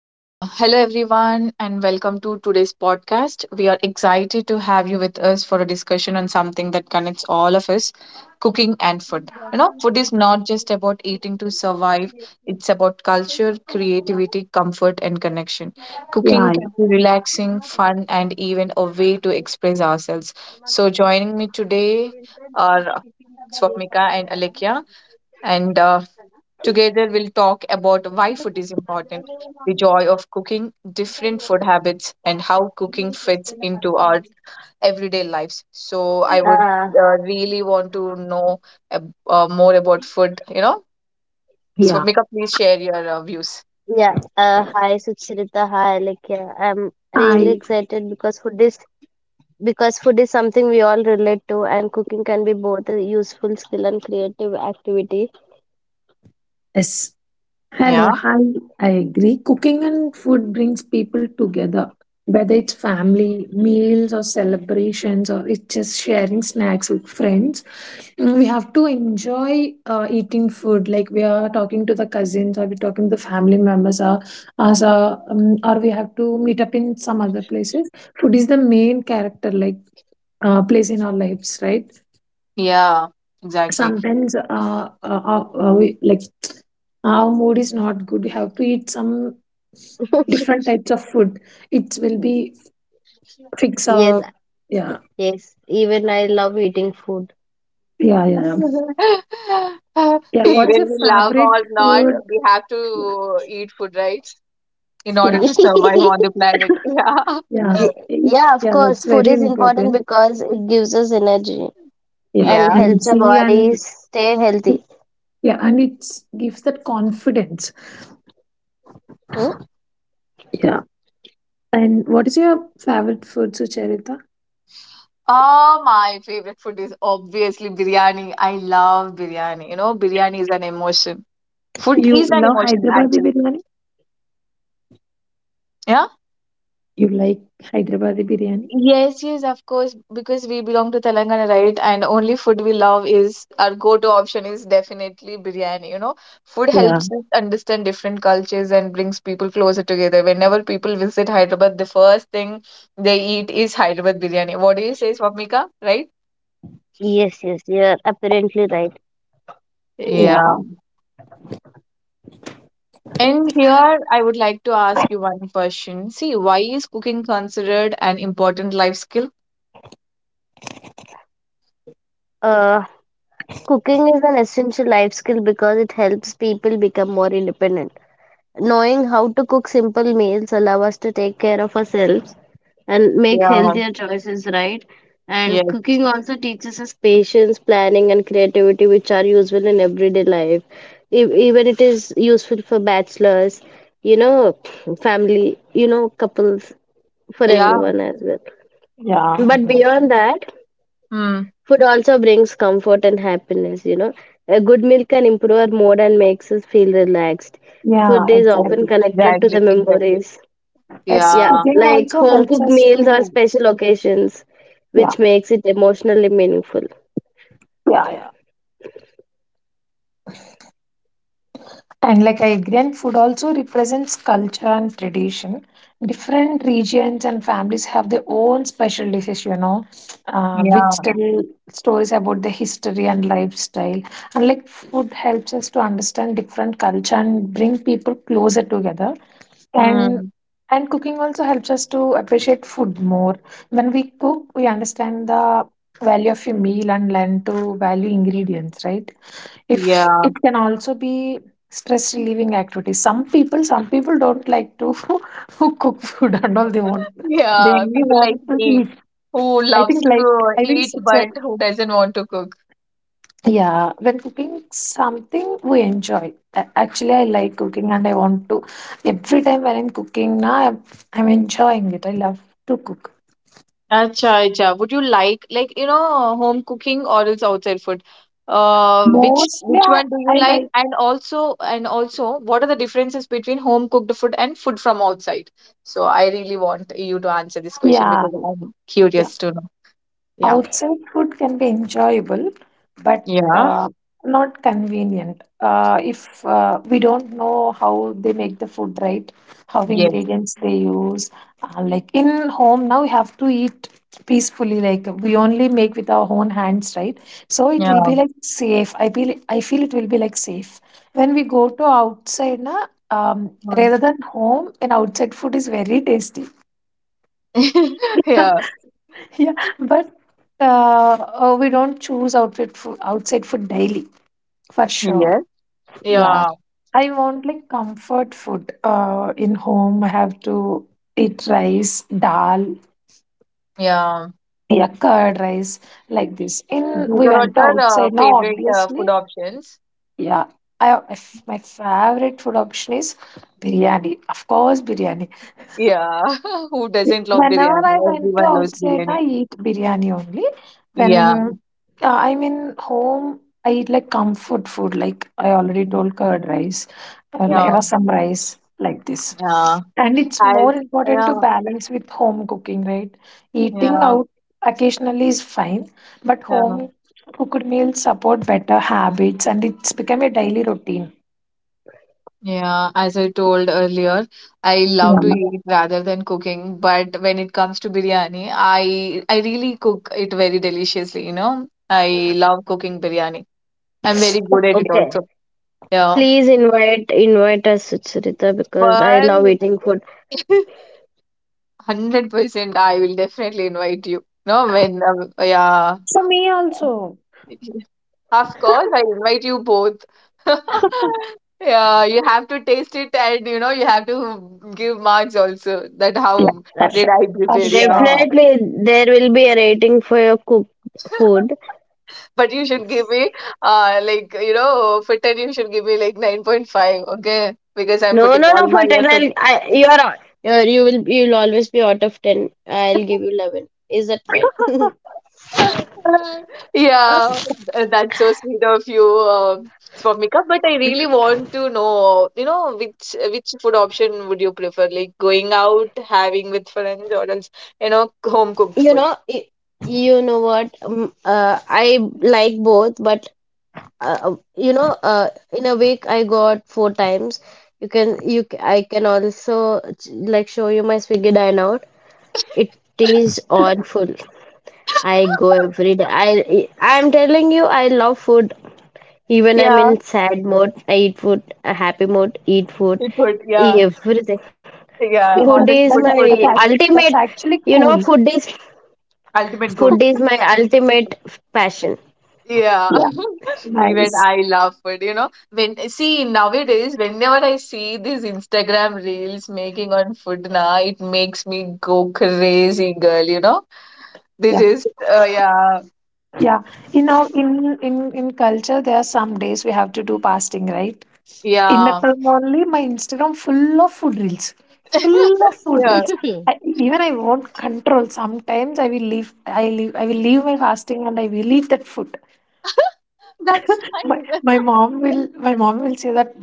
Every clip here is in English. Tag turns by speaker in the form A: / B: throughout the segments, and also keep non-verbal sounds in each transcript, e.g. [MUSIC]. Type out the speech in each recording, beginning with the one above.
A: Yeah, hello everyone, and welcome to today's podcast. We are excited to have you with us for a discussion on something that connects all of us: cooking and food. You know, food is not just about eating to survive, it's about culture, creativity, comfort, and connection. Cooking
B: Yeah,
A: can be relaxing, fun, and even a way to express ourselves. So, joining me today are Swapnika and Alekia, and together, we'll talk about why food is important, the joy of cooking, different food habits, and how cooking fits into our everyday lives. So, I would
C: Uh,
A: really want to know more about food, you know. So,
B: yeah.
A: Mika, please share your views.
C: yeah. Hi, Sukshita. Hi, Alekhya. I'm really
B: I
C: excited because food is something we all relate to, and cooking can be both a useful skill and creative activity.
B: Yes. Hello.
A: Yeah.
B: Hi. I agree. Cooking and food brings people together, whether it's family meals or celebrations or it's just sharing snacks with friends. We have to enjoy eating food. Like we are talking to the cousins or we're talking to the family members, or we have to meet up in some other places. Food is the main character, place in our lives, right?
A: Yeah, exactly.
B: Sometimes we, like, our mood is not good, we have to eat some
C: [LAUGHS]
B: different types of food. It will be fix
C: Yes,
B: our. Yeah,
C: yes. Even I love eating food.
B: yeah, yeah,
A: [LAUGHS]
B: yeah. Yeah,
A: Even
B: what's your
A: we love
B: favorite
A: or not,
B: food?
A: we have to eat food, right? In order
B: Yeah,
C: [LAUGHS]
A: to survive
C: Ye-
A: on the planet. [LAUGHS]
B: yeah,
C: Yeah, of
B: yeah,
C: course.
B: that's
C: Food
B: very
C: is important
B: important.
C: because it gives us energy
B: Yeah,
C: and
A: Yeah.
B: and
C: helps
B: it's
C: our
B: really and.
C: bodies stay healthy.
B: Yeah, and it gives that confidence.
C: Hmm?
B: Yeah, and what is your favorite food, Sucharita?
A: Oh, my favorite food is obviously biryani. I love biryani. You know, biryani is an emotion. Food
B: You
A: is an
B: love
A: emotion,
B: Hyderabadi
A: actually.
B: biryani?
A: Yeah.
B: You like Hyderabadi biryani?
A: Yes, yes, of course, because we belong to Telangana, right? And only food we love is our go-to option is definitely biryani. You know, food
B: Yeah.
A: helps us understand different cultures and brings people closer together. Whenever people visit Hyderabad, the first thing they eat is Hyderabad biryani. What do you say, Swapnika? Right?
C: Yes, yes. You're apparently right.
A: Yeah.
B: Yeah,
A: And here I would like to ask you one question. See, why is cooking considered an important life skill?
C: Uh, Cooking is an essential life skill because it helps people become more independent. Knowing how to cook simple meals allow us to take care of ourselves and make
A: Yeah.
C: healthier choices, right? And
A: Yes.
C: cooking also teaches us patience, planning, and creativity, which are useful in everyday life. Even it is useful for bachelors, you know, family, you know, couples, for
A: Yeah.
C: everyone as well.
B: yeah,
C: But beyond
A: Exactly.
C: that,
A: Hmm.
C: food also brings comfort and happiness, you know. A good meal can improve our mood and makes us feel relaxed.
B: yeah,
A: Of
C: Food is
A: course.
C: often
B: exactly.
C: connected to the
A: Exactly. Exactly.
C: memories.
B: As
C: Yeah,
A: Yeah.
B: cooking
C: like
B: also
C: home
B: helps
C: cooked
B: us
C: meals or
B: to,
C: special occasions,
B: yeah,
C: which makes it emotionally meaningful.
B: yeah, yeah. And like I agree, and food also represents culture and tradition. Different regions and families have their own special dishes, you know, which
A: Yeah.
B: tell stories about the history and lifestyle. And like food helps us to understand different culture and bring people closer together. And
A: Hmm.
B: and cooking also helps us to appreciate food more. When we cook, we understand the value of a meal and learn to value ingredients, right? If
A: Yeah.
B: it can also be stress relieving activity. Some people don't like to [LAUGHS] cook food and all they want. They
A: Yeah.
B: only
A: People like
B: want to
A: me
B: eat.
A: who
B: I
A: loves
B: think like
A: to
B: I think
A: eat
B: such a.
A: but who doesn't want to cook.
B: Yeah, when cooking something we enjoy. Actually, I like cooking and I want to. Every time when I'm cooking now, I'm enjoying it. I love to cook.
A: Acha, acha. Would you like you know, home cooking or else outside food? Which
B: Mostly,
A: one do you
B: I
A: like?
B: like,
A: And also, what are the differences between home cooked food and food from outside? So I really want you to answer this question
B: yeah,
A: because I'm curious to know. Yeah.
B: outside food can be enjoyable, but
A: Yeah.
B: not convenient. If we don't know how they make the food right, how
A: Yes.
B: ingredients they use, like in home now we have to eat peacefully. Like we only make with our own hands, right? So it
A: Yeah.
B: will be like safe. I feel it will be like safe. When we go to outside, na,
A: Mm.
B: rather than home, an outside food is very tasty.
A: [LAUGHS] Yeah.
B: [LAUGHS] Yeah, but oh, we don't choose outside food daily for sure.
A: Yes.
B: Yeah,
A: Yeah.
B: I want like comfort food. In home I have to eat rice, dal,
A: Yeah.
B: yeah, curd rice, like this. In,
A: These
B: we
A: are all
B: went
A: your
B: outside now,
A: favorite food
B: obviously,
A: options.
B: yeah, if my favorite food option is biryani, of course biryani.
A: Yeah. [LAUGHS] Who doesn't love
B: Whenever
A: biryani?
B: I went to
A: Everyone loves
B: outside,
A: biryani.
B: I eat biryani only.
A: Yeah.
B: When I'm in home, I eat like comfort food, like I already told, curd rice, like
A: Yeah,
B: rasam rice, like this.
A: yeah.
B: And it's more
A: As
B: important
A: yeah,
B: to balance with home cooking, right? Eating
A: yeah,
B: out occasionally is fine, but
A: yeah,
B: home cooked meals support better habits and it's become a daily routine.
A: yeah. As I told earlier, I love to
B: Yeah.
A: eat rather than cooking. But when it comes to biryani, I really cook it very deliciously, you know. I love cooking biryani. I'm very good at it
C: Okay,
A: also. Yeah.
C: please invite us, Suchrita, because I
A: But
C: love eating food.
A: [LAUGHS] 100% I will definitely invite you. No, when yeah.
B: For me also.
A: Of course, I invite you both. [LAUGHS] Yeah, you have to taste it and you know you have to give marks also that
B: Yeah,
A: how
C: Uh,
B: for
A: did
B: sure.
A: I
B: For
A: prepare, yeah.
B: sure.
C: definitely, there will be a rating for your cooked food.
A: [LAUGHS] But you should give me uh, like you know, for 10 you should give me like 9.5, okay? Because I'm
C: No,
A: putting
C: no, no.
A: all
C: For
A: my
C: 10,
A: effort.
C: you are all. You're, you will. You'll always be out of 10. I'll give
A: [LAUGHS]
C: you 11. Is that fine? [LAUGHS]
B: [LAUGHS]
A: Uh,
B: Yeah,
A: Yeah, that's so sweet of you, Swapnika. But I really want to know, you know, which food option would you prefer? Like going out, having with friends, or else, you know, home
C: you
A: cooked
C: know.
A: food.
C: y- You know what? I like both, but uh, um, you know, in a week I got four times. You can. You. C- I can also like show you my Swiggy dine out. It is awful. I go
A: [LAUGHS]
C: every day. I'm telling you, I love food. Even I'm in
A: Yeah,
C: sad mode, I eat food. A happy mode, eat food.
A: it would. Yeah,
C: Everything.
A: yeah.
B: that's
C: Food
A: Always
C: is
B: that,
C: my
A: food,
B: that,
A: food,
B: that,
A: food.
B: act-
C: ultimate.
B: that's actually
C: You know,
B: cool.
A: Ultimate
C: food
A: goal.
C: is my ultimate passion.
A: Yeah,
B: Yeah.
A: [LAUGHS] even
B: Nice.
A: I love food, you know. When see nowadays, whenever I see these Instagram reels making on food na, it makes me go crazy, girl, you know. They
B: Yeah.
A: just yeah,
B: Yeah. You know, in culture, there are some days we have to do fasting, right? In the
A: yeah,
B: term only, my Instagram full of food reels.
A: [LAUGHS]
B: Full of food
A: yeah.
B: reels. I, even I won't control. Sometimes I will leave. I leave. I will leave my fasting and I will eat that food.
A: That's
B: [LAUGHS]
A: nice. [LAUGHS]
B: My mom will say that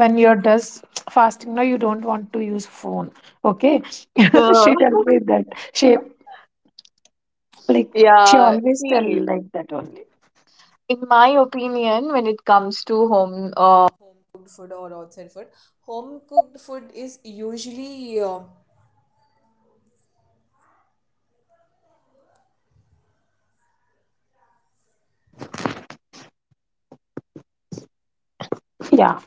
B: when you're does fasting now you don't want to use phone. Okay.
A: Uh,
B: [LAUGHS] She tell me that. She, like, she
A: yeah,
B: always tell
A: see,
B: like that only.
A: in my opinion, when it comes to home
B: Yeah,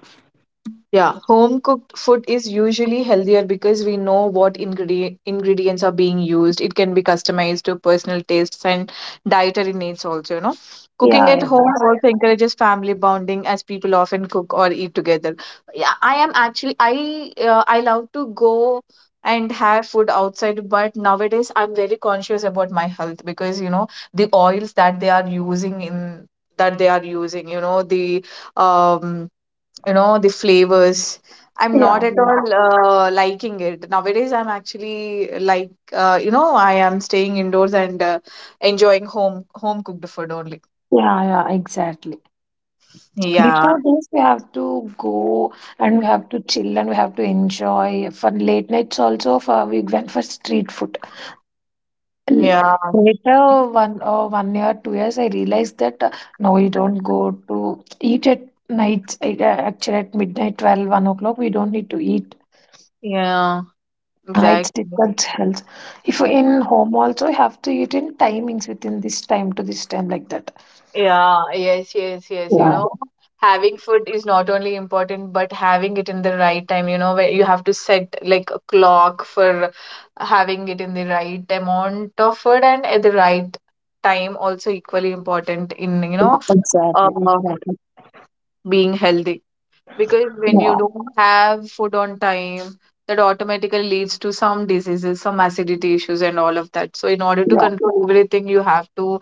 A: yeah, home cooked food is usually healthier because we know what ingredients are being used. It can be customized to personal tastes and dietary needs also, you know. Cooking
B: yeah,
A: at
B: yeah,
A: home also encourages family bonding as people often cook or eat together. Yeah, I am actually I love to go and have food outside, but nowadays I'm very conscious about my health because you know the oils that they are using that they are using, you know, the um you know the flavors, I'm
B: yeah,
A: not at
B: yeah,
A: all liking it nowadays. I'm actually like, you know, I am staying indoors and enjoying home cooked food only.
B: yeah, yeah, exactly.
A: Yeah,
B: Before this we have to go and we have to chill and we have to enjoy for late nights also, for we went for street food. L-
A: yeah,
B: Later, 1 year, 2 years, I realized that no, we don't go to eat at night. Actually, at midnight, 12, 1 o'clock, we don't need to eat.
A: yeah, exactly.
B: It's different health. If you're in home also, you have to eat in timings within this time to this time, like that.
A: Yeah, yes, yes, yes. You
B: Yeah,
A: know, having food is not only important, but having it in the right time, you know, where you have to set like a clock for having it in the right amount of food and at the right time, also equally important in, you
B: yeah,
A: know, uh,
B: exactly, exactly.
A: being healthy. Because when you
B: Yeah,
A: don't have food on time, that automatically leads to some diseases, some acidity issues, and all of that. So, in order to
B: yeah,
A: control everything, you have to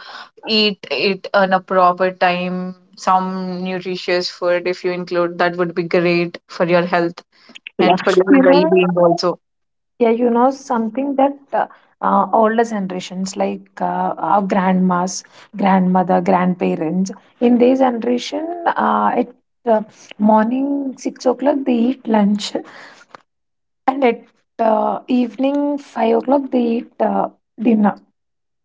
A: eat it on a proper time, some nutritious food, if you include, that would be great for your health
B: yeah.
A: and for your
B: You know,
A: well-being also.
B: yeah, you know, something that older generations like our grandmas, grandmother, grandparents, in their generation, at uh, morning 6 o'clock they eat lunch and at evening 5 o'clock they eat dinner.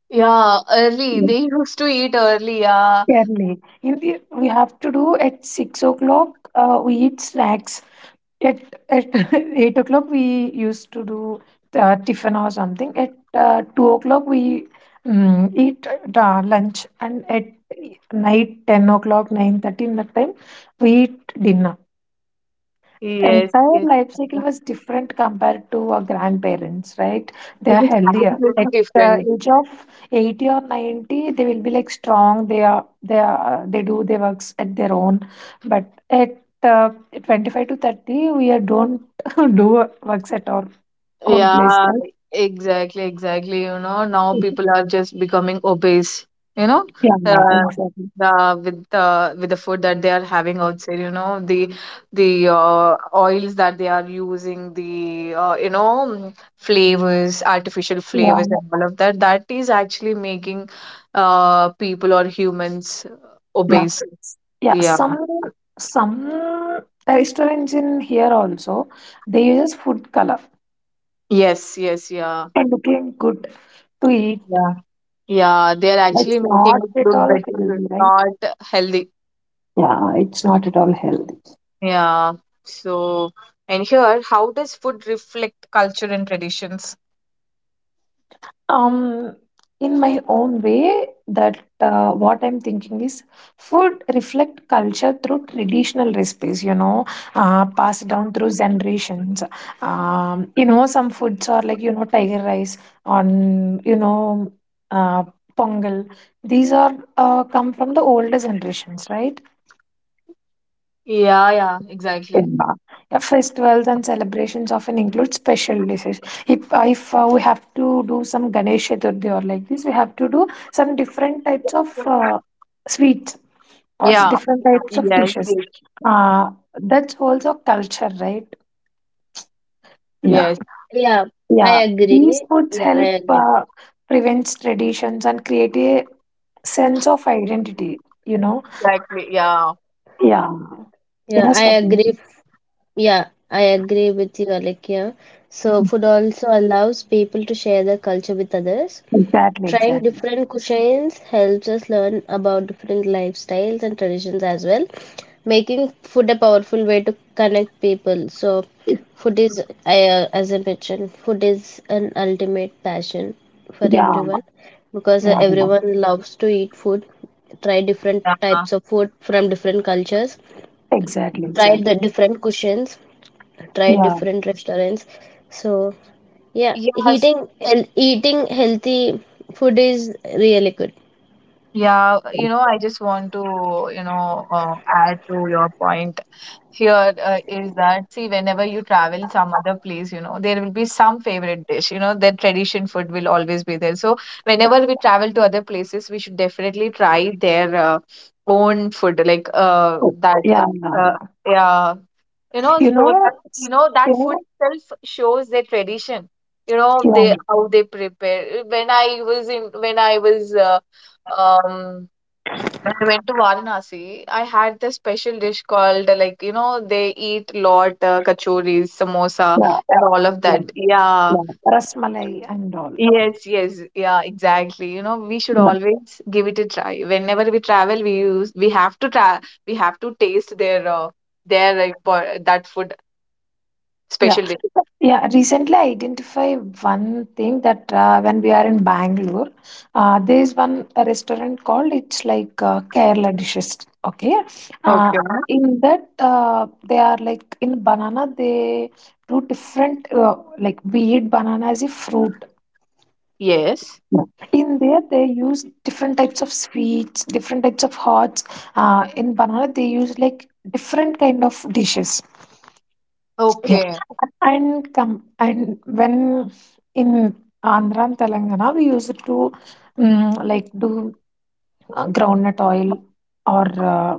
A: Yeah, early.
B: Mm.
A: They used to eat early. Yeah.
B: Early. In the, we have to do at 6 o'clock, we eat snacks. At at [LAUGHS] 8 o'clock, we used to do tiffin or something. At 2 o'clock, we eat lunch. And at night, 10 o'clock, 9:30 in that time, we eat dinner.
A: Yes,
B: Entire
A: yes.
B: life cycle was different compared to our grandparents, right? They
A: It
B: are
A: is
B: healthier.
A: completely
B: At the
A: different.
B: age of 80 or 90, they will be like strong. They do their works at their own. But at 25 to 30, we are don't [LAUGHS] do works at our own place,
A: Yeah,
B: right?
A: exactly, exactly. You know, now people are just becoming obese, you know,
B: Yeah,
A: uh,
B: yeah, exactly.
A: with the food that they are having outside, you know, the oils that they are using, the, you know, flavors, artificial
B: Yeah,
A: flavors and all of that, that is actually making people or humans
B: yeah,
A: obese.
B: yeah.
A: Yeah.
B: Some restaurants in here also they use food color
A: Yes, yes, yeah.
B: for looking good to eat.
A: Yeah. Yeah, they are
B: That's
A: actually making
B: not
A: it
B: at
A: look
B: all healthy,
A: better,
B: right?
A: not healthy.
B: Yeah, it's not at all healthy.
A: Yeah. So, and here, how does food reflect culture and traditions?
B: Um, in my own way, that what I'm thinking is food reflect culture through traditional recipes, you know, passed down through generations. You know, some foods are like, you know, tiger rice on, you know, uh, pongal. These are come from the older generations, right?
A: Yeah, yeah, exactly.
B: Yeah. Yeah, festivals and celebrations often include special dishes. If we have to do some Ganesh Chaturthi or like this, we have to do some different types of sweets or
A: Yeah.
B: different types
A: Yes.
B: of dishes.
A: Yes.
B: Uh, that's also culture, right? Yeah.
A: Yes.
C: Yeah, I
B: Yeah, these
C: agree.
B: foods
C: Yeah, I
B: help
C: agree.
B: prevent traditions and create a sense of identity. You know.
A: Exactly. Yeah.
B: Yeah.
C: Yeah, I
B: Yes. What you mean?
C: agree. Yeah, I agree with you, Alekia. So food also allows people to share their culture with others.
B: Exactly.
C: Trying
B: Exactly.
C: different cuisines helps us learn about different lifestyles and traditions as well, making food a powerful way to connect people. So, as I mentioned, food is an ultimate passion for
B: Yeah.
C: everyone because
B: Yeah.
C: everyone loves to eat food. Try different
A: Yeah.
C: types of food from different cultures.
B: Exactly,
C: Try
B: exactly.
C: the different cuisines try
B: Yeah.
C: different restaurants. So yeah,
A: Yes.
C: eating healthy food is really good.
A: Yeah. You know, I just want to, you know, add to your point here, is that see, whenever you travel some other place, you know there will be some favorite dish, you know their tradition food will always be there. So whenever we travel to other places, we should definitely try their own food, like that
B: Yeah, yeah,
A: uh,
B: yeah.
A: yeah, you know,
B: You
A: so
B: know,
A: that you
B: it's,
A: know that
B: you
A: food
B: know,
A: itself shows their tradition, you know,
B: yeah,
A: they how they prepare. When I was in when I was um when I went to Varanasi, I had this special dish called, like you know, they eat lot kachoris, samosa,
B: yeah,
A: and all of
B: yeah,
A: that. Yeah,
B: yeah. Rasmalai and all.
A: yes, yes, yeah, exactly. You know, we should
B: Yeah.
A: always give it a try. Whenever we travel, we have to try, we have to taste their their, like, that food,
B: Yeah.
A: special dish.
B: Yeah, recently I identify one thing that when we are in Bangalore, there is one restaurant called, it's like Kerala dishes. Okay, uh,
A: Okay.
B: in that they are like, in banana they do different, like we eat banana as a fruit.
A: Yes.
B: In there they use different types of sweets, different types of hots. In banana they use like different kind of dishes. Yeah.
A: Okay.
B: And come. And when in Andhra and Telangana, we used to like do groundnut oil or uh,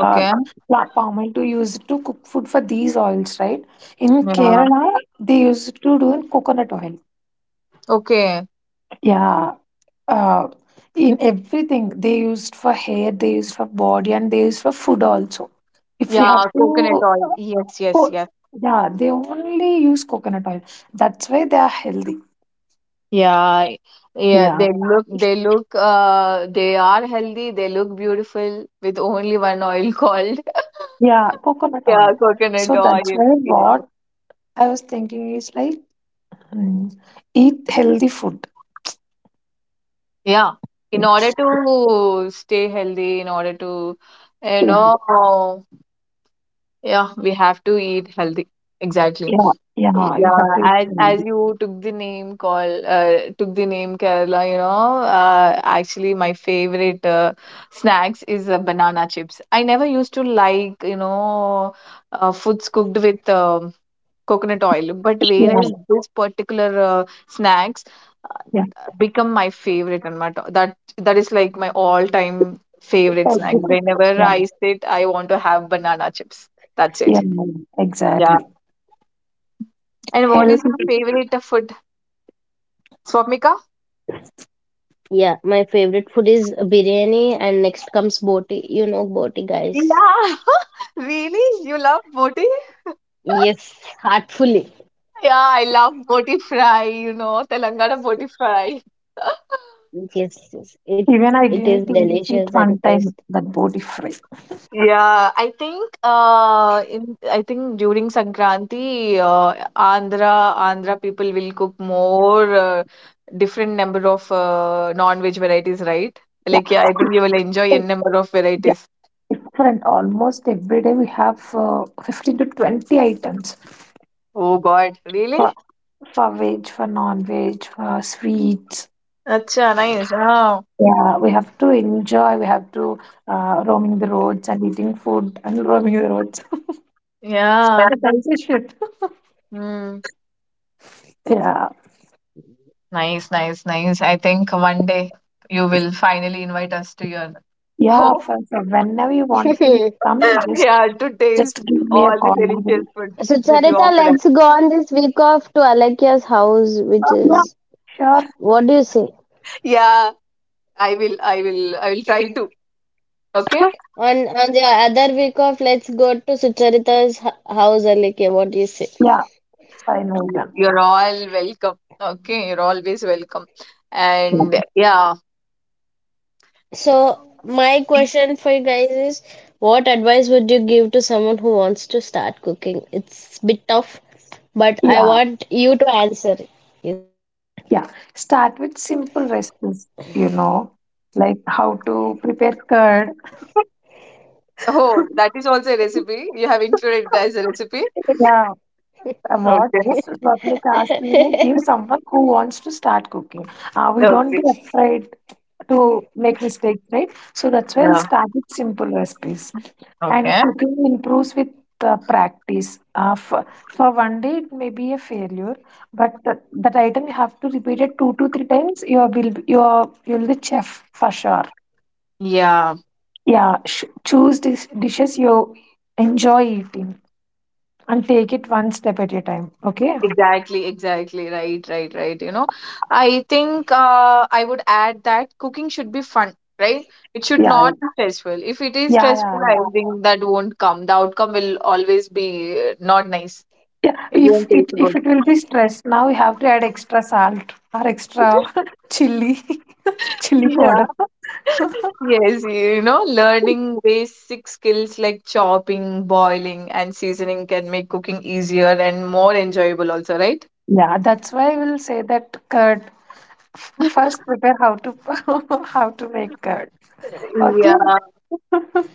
B: uh, palm oil to use to cook food for these oils, right? In
A: Yeah.
B: Kerala, they used to do in coconut oil.
A: Okay.
B: Yeah, uh, in everything they used for hair, they used for body, and they used for food also. If you
A: Yeah,
B: have
A: coconut
B: to
A: oil. Yes, yes,
B: co-
A: yes.
B: yeah, they only use coconut oil. That's why they are healthy.
A: Yeah, yeah,
B: Yeah,
A: they look, they look, they are healthy, they look beautiful with only one oil [LAUGHS] called,
B: yeah, coconut
A: yeah,
B: oil. So
A: coconut oil.
B: that's why
A: Yeah.
B: what I was thinking is like, mm, eat healthy food.
A: Yeah.
B: Yeah.
A: In order to stay healthy, in order to, you
B: Yeah,
A: know, yeah, we have to eat healthy. Exactly.
B: yeah, yeah, you
A: Yeah,
B: have to eat
A: as
B: healthy.
A: you took the name call, took the name Kerala, you know, actually my favorite snacks is banana chips. I never used to like, you know, foods cooked with coconut oil, but whereas
B: Yeah.
A: this particular snacks uh,
B: Yeah.
A: become my favorite and my that that is like my all-time favorite snack.
B: Healthy.
A: Whenever
B: Yeah.
A: I sit, I want to have banana chips. That's
B: Yeah,
A: it. Yeah.
B: exactly.
A: And what is
B: Healthy.
A: your favorite food, Swapnika?
C: Yeah, my favorite food is biryani, and next comes boti. You know boti, guys.
A: Yeah, [LAUGHS] really? You love boti? [LAUGHS]
C: Yes, heartfully.
A: Yeah, I love boti fry, you know, Telangana boti fry. [LAUGHS]
C: Yes, yes.
B: Even I
C: It is
B: didn't eat it
C: delicious and
B: one time,
C: taste.
B: that body fry.
A: Yeah, I think in I think during Sankranti, Andhra people will cook more different number of non-veg varieties, right?
B: Yeah.
A: Like yeah, I think you will enjoy n
B: So,
A: number of
B: yeah.
A: varieties.
B: Different almost every day we have 15 to 20 items
A: Oh God, really?
B: for, for veg, for non veg, for sweets.
A: Acha, nice. Yeah,
B: Yeah, we have to enjoy. We have to roaming the roads and eating food and roaming the roads. [LAUGHS]
A: yeah.
B: That's a shit.
A: Hmm.
B: Yeah.
A: Nice, nice, nice. I think one day you will finally invite us to your
B: Yeah,
A: home.
B: for whenever you want to
C: [LAUGHS]
B: come,
A: [LAUGHS] Yeah, to
B: just
A: taste
B: give me a
A: all the
B: call. I
A: delicious
B: will—
A: food
C: So,
A: that you
C: Charita,
A: offer us.
C: let's go on this week off to Alakya's house, which
A: [LAUGHS]
B: Yeah,
C: is
B: sure.
C: what do you say?
A: Yeah, I will try to. Okay.
B: [LAUGHS]
C: On the other week off, let's go to house, Alike. What do you say?
B: Yeah, it's fine with them.
A: You're all welcome. Okay. You're always welcome.
B: Yeah,
A: And yeah.
C: So, my question for you guys is, what advice would you give to someone who wants to start cooking? It's bit tough, but I
B: yeah.
C: want you to answer it. Yes.
B: Yeah. Start with simple recipes, you know, like how to prepare curd.
A: Oh, that is also a recipe. You have included that as a recipe.
B: Yeah, what
A: Okay.
B: Swapnika
C: [LAUGHS]
B: asked me, like, give someone who wants to start cooking. We don't
A: Okay.
B: be afraid to make mistakes, right? So that's why I'll
A: Yeah.
B: start with simple recipes. And
A: Okay.
B: cooking improves with practice. For one day, it may be a failure, but that item you have to repeat it two to three times. You will you are you'll be chef for sure.
A: Yeah.
B: Yeah, choose dishes you enjoy eating and take it one step at a time. Okay.
A: Exactly, exactly. Right, right, right. You know, I think I would add that cooking should be fun, right? It should
B: Yeah,
A: not be stressful. If it is
B: yeah,
A: stressful,
B: yeah,
A: I
B: yeah.
A: think that won't come. The outcome will always be not nice.
B: Yeah,
A: It
B: yeah, if
A: won't taste
B: it, if
A: good.
B: it will be stressed, now we have to add extra salt or extra
A: [LAUGHS]
B: [LAUGHS] chili. Chili
A: Yeah.
B: powder. [LAUGHS]
A: Yes, you know, learning basic skills like chopping, boiling, and seasoning can make cooking easier and more enjoyable also, right?
B: Yeah, that's why I will say that curd.
A: [LAUGHS]
B: First, prepare how to [LAUGHS] how to make curd. Okay.
A: Yeah.
B: [LAUGHS]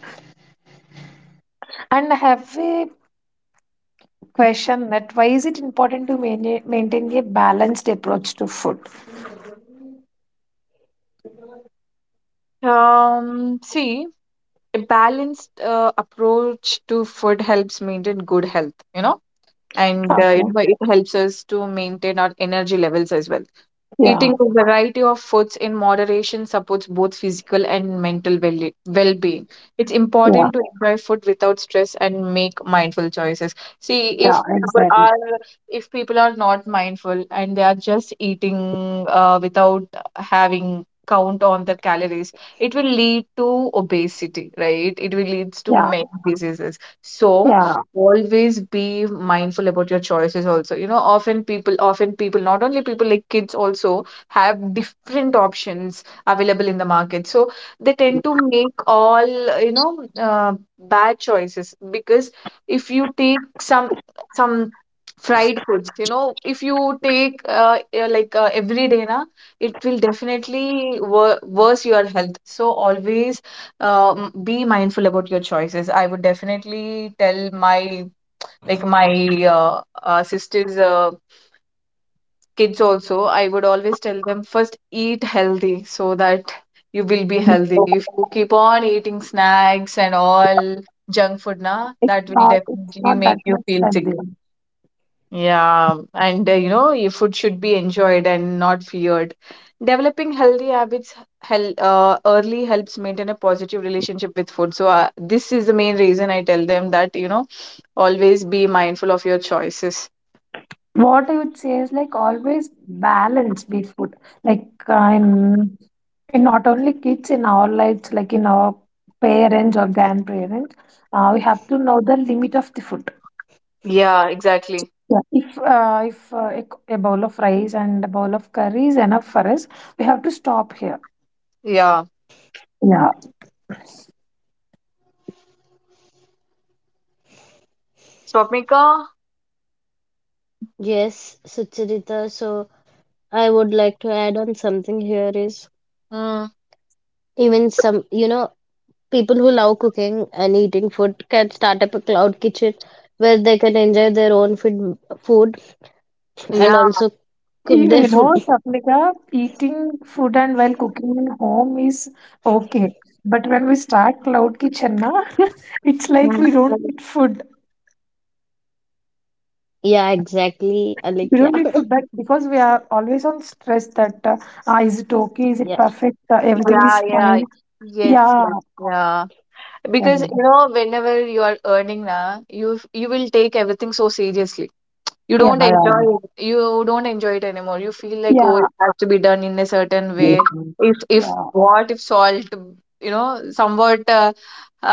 B: And I have a question that why is it important to maintain a balanced approach to food?
A: See, a balanced approach to food helps maintain good health, you know, and you
B: Okay.
A: know, it helps us to maintain our energy levels as well.
B: Yeah.
A: Eating a variety of foods in moderation supports both physical and mental well being. It's
B: Yeah.
A: important to enjoy food without stress and make mindful choices. See,
B: Yeah.
A: if people
B: Exactly.
A: are not mindful and they are just eating, without having count on their calories, it will lead to obesity, right? It will lead to
B: Yeah.
A: many diseases. So
B: Yeah.
A: always be mindful about your choices also, you know, often people, not only people like kids also have different options available in the market, so they tend to make all bad choices because if you take some fried foods, you know, if you take every day na, it will definitely worse your health. So always be mindful about your choices. I would definitely tell my like my sisters' kids also. I would always tell them first eat healthy so that you will be healthy.
B: Okay.
A: If you keep on eating snacks and all junk food, na,
B: It's
A: that will
B: not. It's
A: definitely
B: not
A: make
B: that
A: you
B: much
A: feel sick.
B: healthy.
A: Yeah, and you know, your food should be enjoyed and not feared. Developing healthy habits hel early helps maintain a positive relationship with food. So, this is the main reason I tell them that, you know, always be mindful of your choices.
B: What I would say is like always balance be food. Like in not only kids in our lives, like in our parents or grandparents, we have to know the limit of the food.
A: Yeah, exactly.
B: Yeah. If a bowl of rice and a bowl of curry is enough for us, we have to stop here.
A: Yeah.
B: Yeah.
A: Swapnika?
C: Yes, Sucharita. So I would like to add on something here is
A: Mm,
C: even some, you know, people who love cooking and eating food can start up a cloud kitchen where they can enjoy their own food and
A: yeah.
C: also cook
B: You,
C: their
B: you know,
C: food. [LAUGHS]
B: Sapnika, eating food and while cooking in home is okay. But when we start cloud kitchen, na, [LAUGHS] it's like
A: Mm.
B: we don't eat food.
C: Yeah, exactly,
B: We
C: Alik.
B: don't
C: Yeah.
B: need feedback because we are always on stress that is it okay, is it
C: [LAUGHS]
B: perfect, everything
A: Yeah,
B: is
A: yeah.
B: fine.
A: Yes,
B: Yeah,
A: yeah, yeah. Because,
B: yeah,
A: you know, whenever you are earning, na, you will take everything so seriously. You
B: yeah,
A: don't enjoy it. You don't enjoy it anymore. You feel like, oh,
B: yeah,
A: it has to be done in a certain way.
B: yeah,
A: If
B: yeah.
A: what if salt, you know, somewhat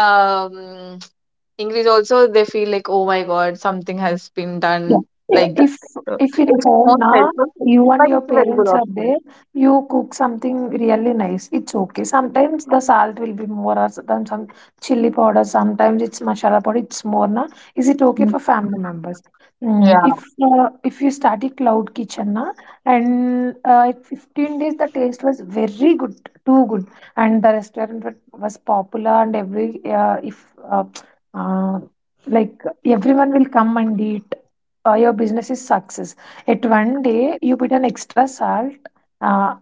A: um [TSK] increase also, they feel like, oh my god, something has been done
B: Yeah. Yeah,
A: like
B: if
A: that. So
B: if in
A: it's
B: home
A: more
B: now
A: helpful,
B: you and
A: but
B: your
A: it's a very good
B: parents are
A: option.
B: there, you cook something really nice. It's okay. Sometimes the salt will be more, or sometimes some chili powder, sometimes it's masala powder. It's more na. Is it okay
A: Mm.
B: for family members? Mm,
A: Yeah.
B: if if you study cloud kitchen na, and at 15 days the taste was very good, too good, and the restaurant was popular. And every if [TSK] uh, like everyone will come and eat. Your business is success. At one day you put an extra salt, uh,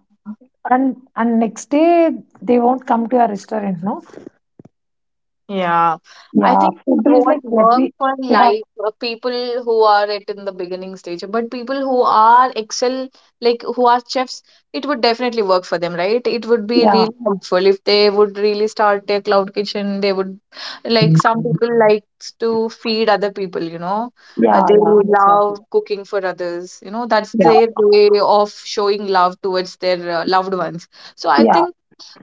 B: and next day they won't come to your restaurant, no.
A: Yeah, I
B: Yeah,
A: think it
B: food is like
A: won't work
B: very,
A: for
B: we have.
A: like people who are at in the beginning stage, but people who are excel, like who are chefs, it would definitely work for them, right? It would be
B: Yeah,
A: really helpful if they would really start their cloud kitchen. They would like, some people likes to feed other people, you know,
B: yeah,
A: they
B: yeah, exactly.
A: love cooking for others, you know, that's
B: Yeah,
A: their way of showing love towards their loved ones. So I
B: yeah,
A: think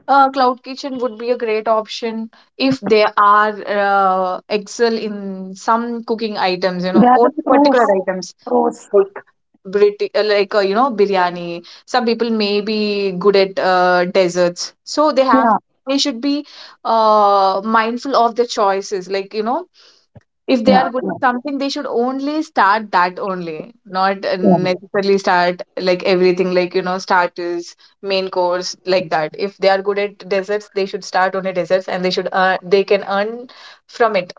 A: cloud kitchen would be a great option if there are excel in some cooking items, you
B: they
A: know,
B: are the
A: only particular
B: pros.
A: items
B: Pros.
A: like you know, biryani. Some people may be good at desserts, so they have
B: Yeah,
A: they should be mindful of their choices. Like, you know, if they
B: yeah,
A: are good
B: yeah,
A: at something, they should only start that only, not
B: yeah.
A: necessarily start like everything, like you know, starters, main course like that. If they are good at desserts, they should start only desserts, and they should earn they can earn from it.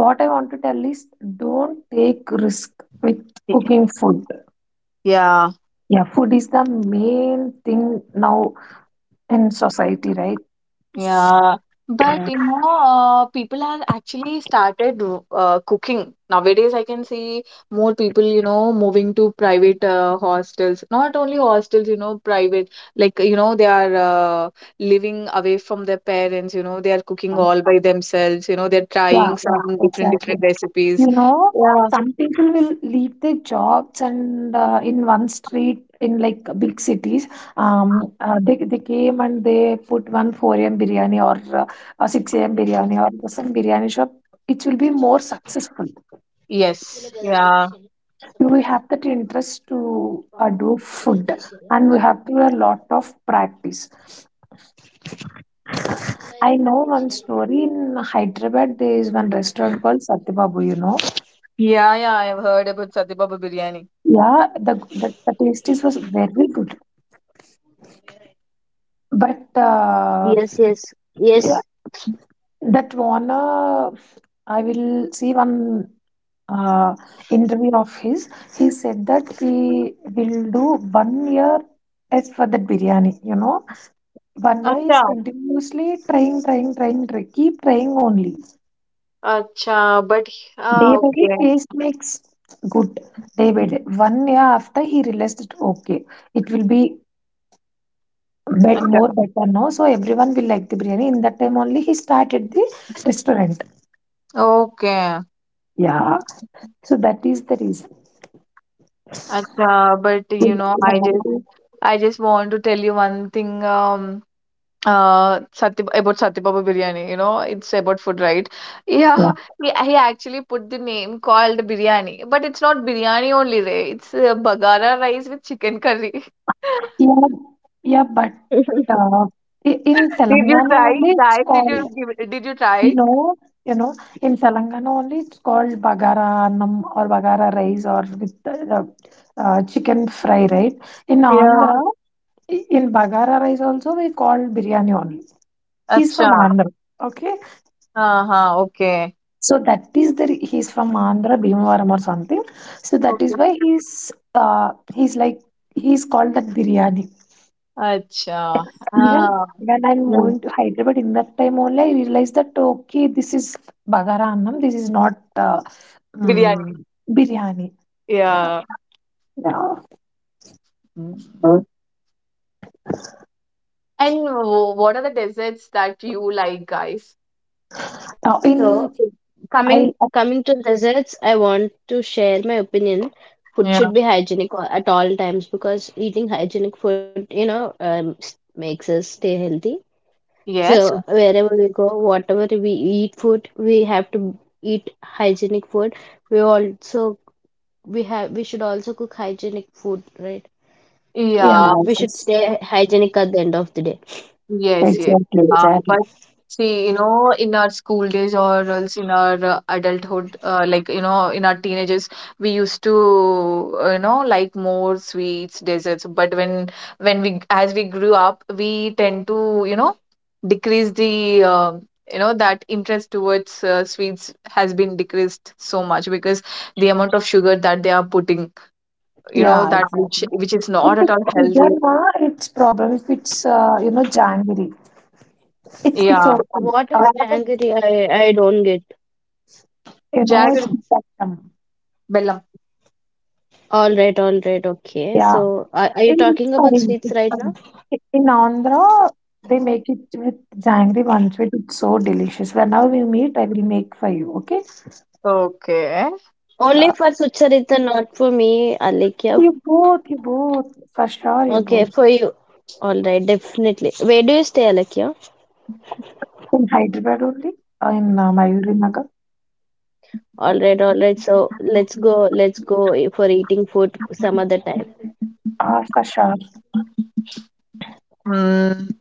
B: What I want to tell is, don't take risk with
A: Y-
B: cooking food.
A: Yeah.
B: Yeah, food is the main thing now in society,
A: Yeah, but
B: right?
A: you know, people have actually started cooking. Nowadays, I can see more people, you know, moving to private hostels. Not only hostels, you know, private, like, you know, they are living away from their parents, you know, they are cooking all by themselves, you know, they're
B: Yeah,
A: trying
B: yeah,
A: some different,
B: exactly.
A: different recipes.
B: You know,
A: Yeah.
B: some people will leave their jobs and in one street in like big cities, they came and they put one 4 a.m. biryani or a 6 a.m. biryani or just some biryani shop. It will be more successful.
C: మిక్సీలో
A: Yes.
C: కదండి
A: Yeah.
C: వేసేయాలి
B: We
C: సపరేట్గా
B: have that interest to
C: పప్పు
B: do
C: మిక్సీలో
B: food,
C: వేసేయాలి
B: and we
C: అర్థం
B: have to do a lot of practice.
C: మిక్సీలో ఏదో
B: I
C: పప్పు
B: know one
C: వేసేయాలంటే
B: story in Hyderabad. There is one restaurant called Satyababu. You know.
A: Yeah, yeah, I've heard about Satya Baba biryani.
B: Yeah, the the tasties was very good. But
C: yes yes yes
B: yeah, that Warner, I will see one uh, interview of his. He said that he will do one year as for that biryani. You know, one year is
A: Acha.
B: continuously trying, trying, trying, try, keep trying only.
A: Acha. But, ah,
B: Day by day,
A: okay.
B: taste makes good. Day by day, one year after he realized it. Okay, it will be bet
A: Acha.
B: more better now, so everyone will like the biryani. In that time only he started the restaurant.
A: Okay.
B: Yeah, so that is the reason.
A: But you know, I just want to tell you one thing Sati, about Sati Baba biryani, you know, it's about food, right? [LAUGHS]
B: Yeah,
A: Yeah, he actually put the name called biryani, but it's not biryani only Ray, it's bagara rice with chicken curry.
B: yeah, yeah. But uh, in
A: [LAUGHS] Did you
B: Telangana
A: try
B: only
A: it,
B: it's
A: guys?
B: called.
A: Did you try
B: You
A: it?
B: know, you know, in Telangana only it's called bagara annam or bagara rice or with the chicken fry, right? In
A: Yeah.
B: Andhra, in bagara rice also we call biryani only. He's
A: Acha.
B: from Andhra. Okay.
A: Uh-huh. Okay.
B: So that is the re- he's from Andhra Bhimavaram or something. So that is
A: Okay.
B: why he's called that biryani.
A: Acha.
B: Even
A: Ah.
B: when I'm
A: Mm.
B: moving to Hyderabad in that time only, I realized that okay, this is Bagara Annam, this is not
A: Biryani.
B: mm, biryani. Yeah.
A: Yeah.
B: Yeah. Uh,
A: And what are the desserts that you like, guys?
B: in
C: so coming
B: I
C: coming to desserts I want to share my opinion food
A: Yeah.
C: should be hygienic at all times because eating hygienic food you know, makes us stay healthy so
A: Yes.
C: wherever we go whatever we eat food we have to eat hygienic food we also we should also cook hygienic food, right?
B: Yeah.
A: Yeah.
C: We should
B: Yes,
C: stay hygienic at the end of the day.
A: Yes, yes.
B: exactly, exactly.
A: But see, you know, in our school days or else in our adulthood, like, you know, in our teenagers, we used to, you know, like more sweets, desserts. But when we, as we grew up, we tend to, you know, decrease the, you know, that interest towards sweets has been decreased so much because the amount of sugar that they are putting, you know,
B: Yeah,
A: that
B: exactly.
A: which is
B: If
A: not at
B: it's
A: all
B: sugar,
A: healthy.
B: na, it's problem. If it's you know janggery, it's
A: Yeah.
B: open.
C: What
B: Uh,
C: is
B: it's,
C: janggery? I don't get.
B: you know, it's
A: Jaggery.
B: spectrum.
A: Bellam.
C: All right, okay.
B: Yeah.
C: So are you
B: In,
C: talking about
B: sorry,
C: sweets
B: it's,
C: right now?
B: in Andhra, they make it with janggery one sweet. It's so delicious. Whenever we meet, I will make for you. Okay.
A: Okay.
B: Uh,
C: Only for Sucharita, not for me, Alekhya.
B: you both, you both, for sure, you
C: Okay,
B: both.
C: for you. All right, definitely. Where do you stay, Alekhya?
B: In Hyderabad only, in Mayuri Nagar.
C: All right, all right. So let's go. Let's go for eating food some other time.
B: Ah, for sure.
A: Mm,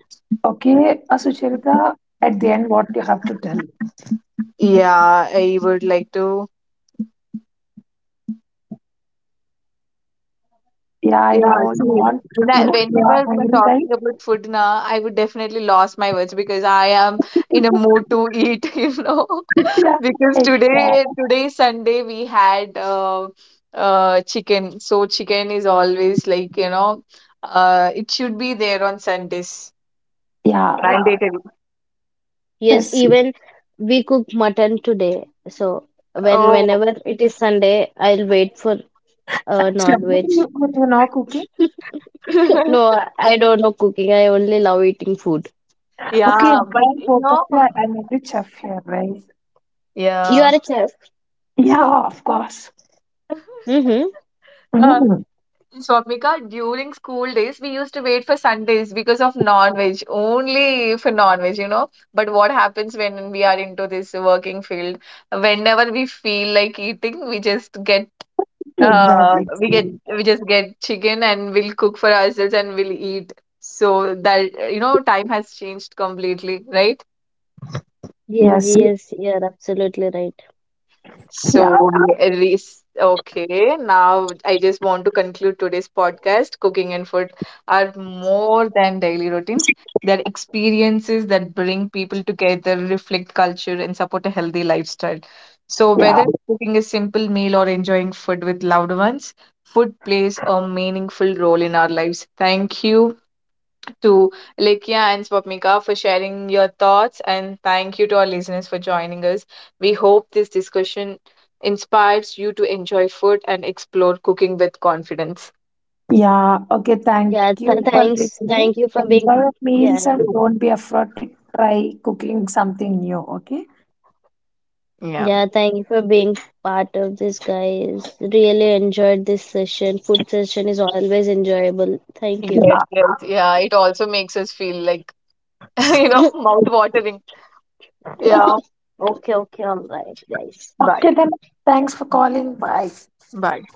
B: Okay, Sucharita, at the end, what you have to tell?
A: yeah, I would like to,
B: Yeah, I
A: yeah,
B: know
A: see,
B: you want you, you are
A: whenever we are
B: hungry, right?
A: talking about food now, I would definitely lost my words because I am in a mood to eat. [LAUGHS] You know,
B: [LAUGHS] Yeah,
A: because
B: exactly.
A: today Sunday we had chicken. So chicken is always like, you know, it should be there on Sundays,
B: Yeah, yeah.
A: mandatory.
C: Yes,
B: Yes.
C: even we cook mutton today. So
A: Oh.
C: whenever it is Sunday, I'll wait for non-veg.
B: Definitely you could [LAUGHS] cooking.
C: No,
A: [LAUGHS]
C: I don't know cooking. I only love eating food.
B: Okay,
A: Yeah, but
B: well,
A: you
B: both of
A: know,
B: you are an avid chef here, right?
C: You
A: yeah.
C: are a chef.
B: Yeah, of course.
C: Mm-hmm.
A: [LAUGHS] Uh,
B: Mm,
A: Swapnika, during school days, we used to wait for Sundays because of non-veg, only for non-veg, you know. But what happens when we are into this working field? Whenever we feel like eating, we just get
B: exactly.
A: we just get chicken and we'll cook for ourselves and we'll eat. So that, you know, time has changed completely, right?
C: Yes,
B: Yes.
C: yes, you're absolutely right.
A: So,
B: Yeah.
A: okay, now I just want to conclude today's podcast. Cooking and food are more than daily routines. They're experiences that bring people together, reflect culture, and support a healthy lifestyle. So,
B: Yeah.
A: whether cooking a simple meal or enjoying food with loved ones, food plays a meaningful role in our lives. Thank you to Likia and Swapnika for sharing your thoughts, and thank you to our listeners for joining us. We hope this discussion inspires you to enjoy food and explore cooking with confidence.
B: Yeah. Okay.
C: Yeah,
B: Thank
C: th
B: you for
C: thanks. Thank
B: listening.
C: you for
B: Enjoy
C: being,
B: your
C: yeah,
B: meals and don't be afraid to try cooking something new. Okay.
A: Yeah.
C: yeah, thank you for being part of this, guys. Really enjoyed this session. Food session is always enjoyable. Thank you.
A: Yes,
B: Yeah.
A: yes, yeah. It also makes us feel like, [LAUGHS] you know, mouth watering.
B: Yeah.
A: Yeah.
C: Okay, okay, all right, guys.
A: Bye.
B: Okay. Then thanks for calling. Bye.
A: Bye.